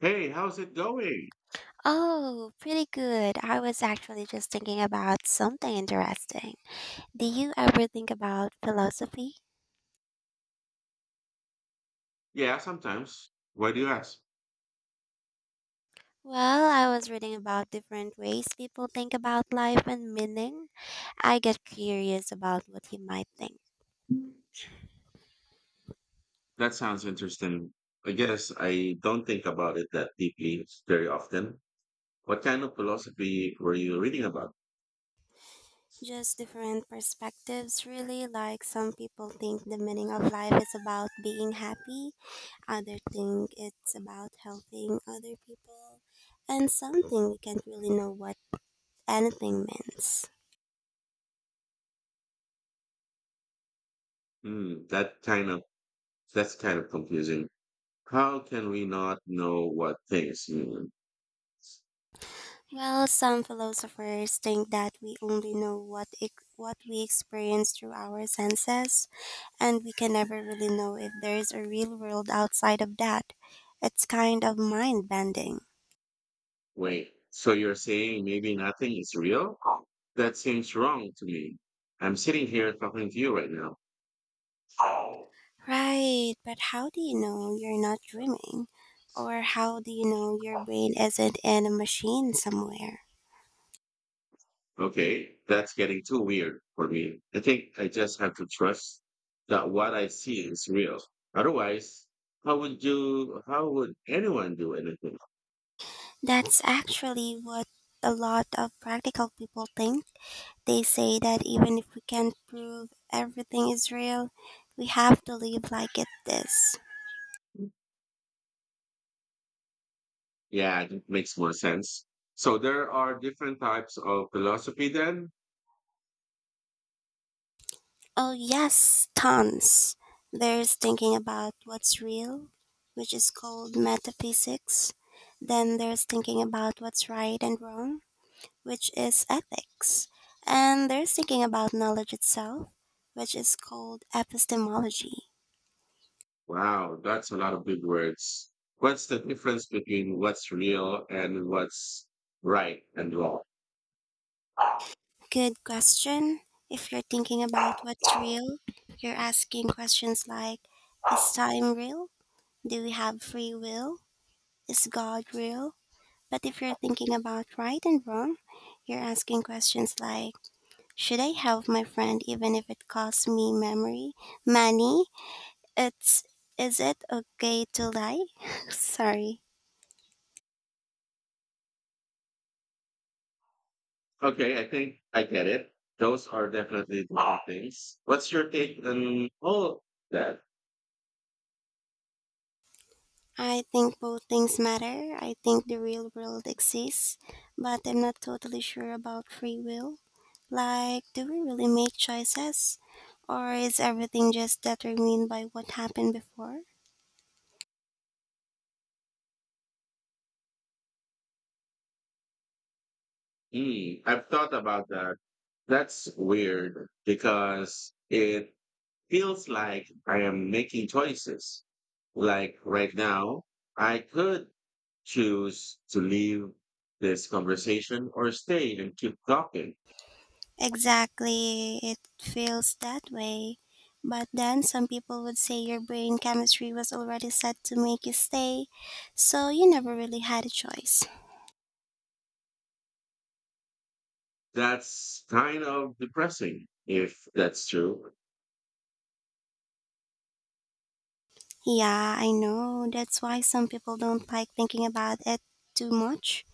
Hey, how's it going? Oh, pretty good. I was actually just thinking about something interesting. Do you ever think about philosophy? Yeah, sometimes. Why do you ask? Well, I was reading about different ways people think about life and meaning. I get curious about what you might think. That sounds interesting. I guess I don't think about it that deeply very often. What kind of philosophy were you reading about? Just different perspectives, really. Like, some people think the meaning of life is about being happy, others think it's about helping other people, and something we can't really know what anything means. Hmm, that kind of that's kind of confusing. How can we not know what things mean? Well, some philosophers think that we only know what we experience through our senses, and we can never really know if there is a real world outside of that. It's kind of mind bending. Wait, so you're saying maybe nothing is real? That seems wrong to me. I'm sitting here talking to you right now. Right, but how do you know you're not dreaming? Or how do you know your brain isn't in a machine somewhere? Okay, that's getting too weird for me. I think I just have to trust that what I see is real. Otherwise, how would anyone do anything? That's actually what a lot of practical people think. They say that even if we can't prove everything is real, we have to live like it is. Yeah, that makes more sense. So there are different types of philosophy then? Oh, yes, tons. There's thinking about what's real, which is called metaphysics. Then there's thinking about what's right and wrong, which is ethics. And there's thinking about knowledge itself, which is called epistemology. Wow, that's a lot of big words. What's the difference between what's real and what's right and wrong? Good question. If you're thinking about what's real, you're asking questions like, is time real? Do we have free will? Is God real? But if you're thinking about right and wrong, you're asking questions like, should I help my friend even if it costs me memory, money? It's, is it okay to lie? Sorry. Okay, I think I get it. Those are definitely different things. What's your take on all that? I think both things matter. I think the real world exists, but I'm not totally sure about free will. Like, do we really make choices? Or is everything just determined by what happened before? Mm, I've thought about that. That's weird because it feels like I am making choices. Like right now, I could choose to leave this conversation or stay and keep talking. Exactly, it feels that way. But then some people would say your brain chemistry was already set to make you stay, so you never really had a choice. That's kind of depressing if that's true. Yeah, I know. That's why some people don't like thinking about it too much.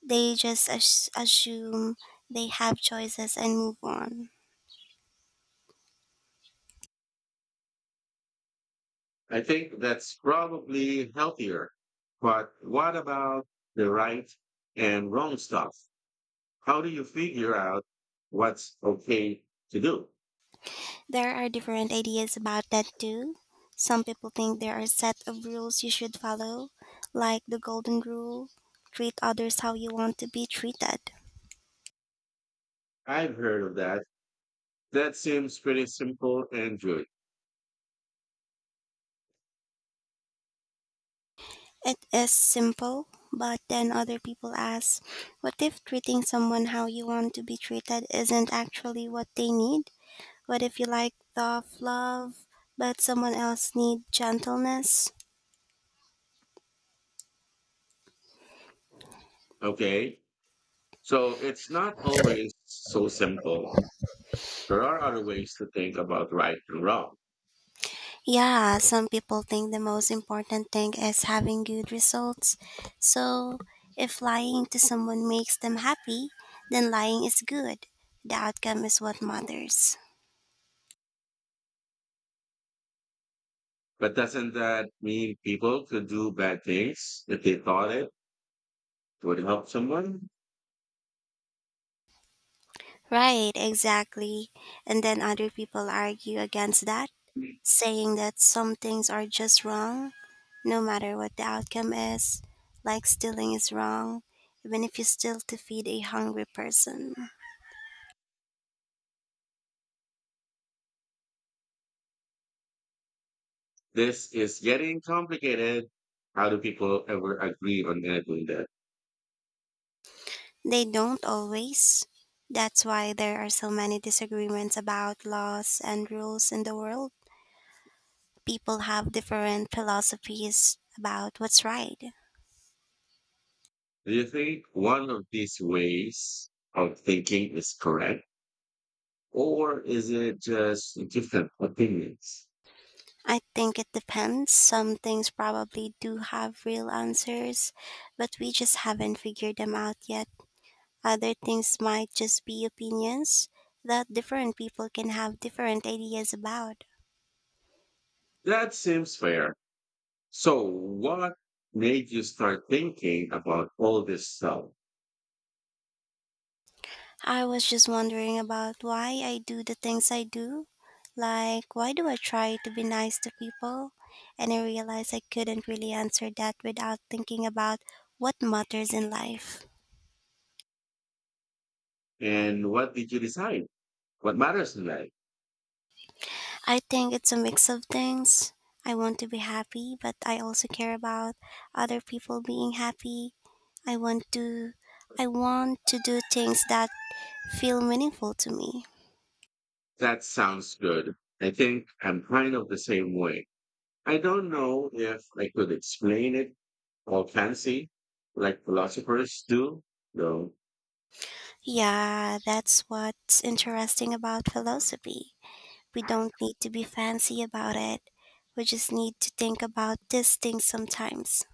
They just assume they have choices and move on. I think that's probably healthier. But what about the right and wrong stuff? How do you figure out what's okay to do? There are different ideas about that too. Some people think there are a set of rules you should follow, like the golden rule, treat others how you want to be treated. I've heard of that. That seems pretty simple and good. It is simple, but then other people ask, what if treating someone how you want to be treated isn't actually what they need? What if you like tough love, but someone else needs gentleness? Okay. So it's not always so simple. There are other ways to think about right and wrong. Yeah, some people think the most important thing is having good results. So, if lying to someone makes them happy, then lying is good. The outcome is what matters. But doesn't that mean people could do bad things if they thought it would help someone? Right, exactly. And then other people argue against that, saying that some things are just wrong, no matter what the outcome is. Like, stealing is wrong, even if you steal to feed a hungry person. This is getting complicated. How do people ever agree on anything that? They don't always. That's why there are so many disagreements about laws and rules in the world. People have different philosophies about what's right. Do you think one of these ways of thinking is correct, or is it just different opinions? I think it depends. Some things probably do have real answers, but we just haven't figured them out yet. Other things might just be opinions that different people can have different ideas about. That seems fair. So, what made you start thinking about all this stuff? I was just wondering about why I do the things I do. Like, why do I try to be nice to people? And I realized I couldn't really answer that without thinking about what matters in life. And what did you decide? What matters in life? I think it's a mix of things. I want to be happy, but I also care about other people being happy. I want to I want to do things that feel meaningful to me. That sounds good. I think I'm kind of the same way. I don't know if I could explain it all fancy like philosophers do, though. Yeah, that's what's interesting about philosophy. We don't need to be fancy about it. We just need to think about these things sometimes.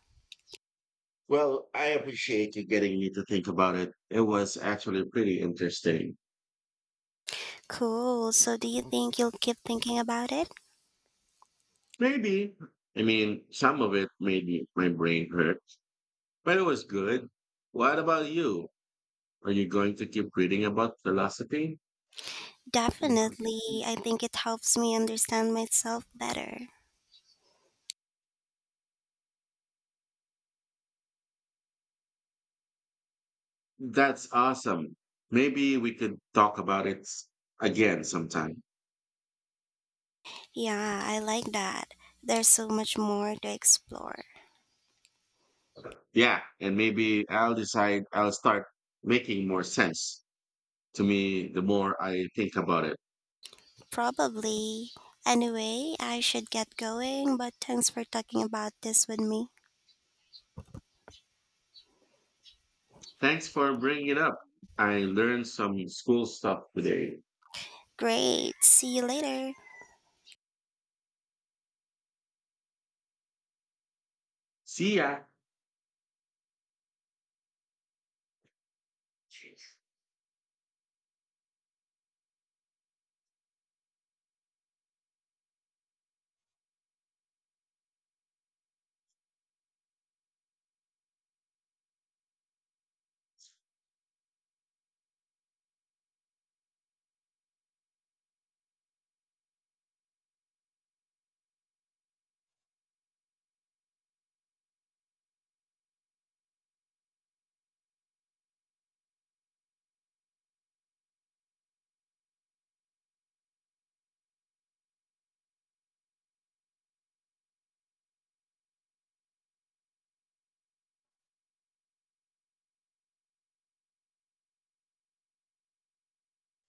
Well, I appreciate you getting me to think about it. It was actually pretty interesting. Cool. So, do you think you'll keep thinking about it? Maybe. I mean, some of it my brain hurt, but it was good. What about you? Are you going to keep reading about philosophy? Definitely. I think it helps me understand myself better. That's awesome. Maybe we could talk about again sometime. Yeah, I like that. There's so much more to explore. Yeah, and maybe I'll start making more sense to me the more I think about it. Probably. Anyway, I should get going, but thanks for talking about this with me. Thanks for bringing it up. I learned some school stuff today. Great. See you later. See ya.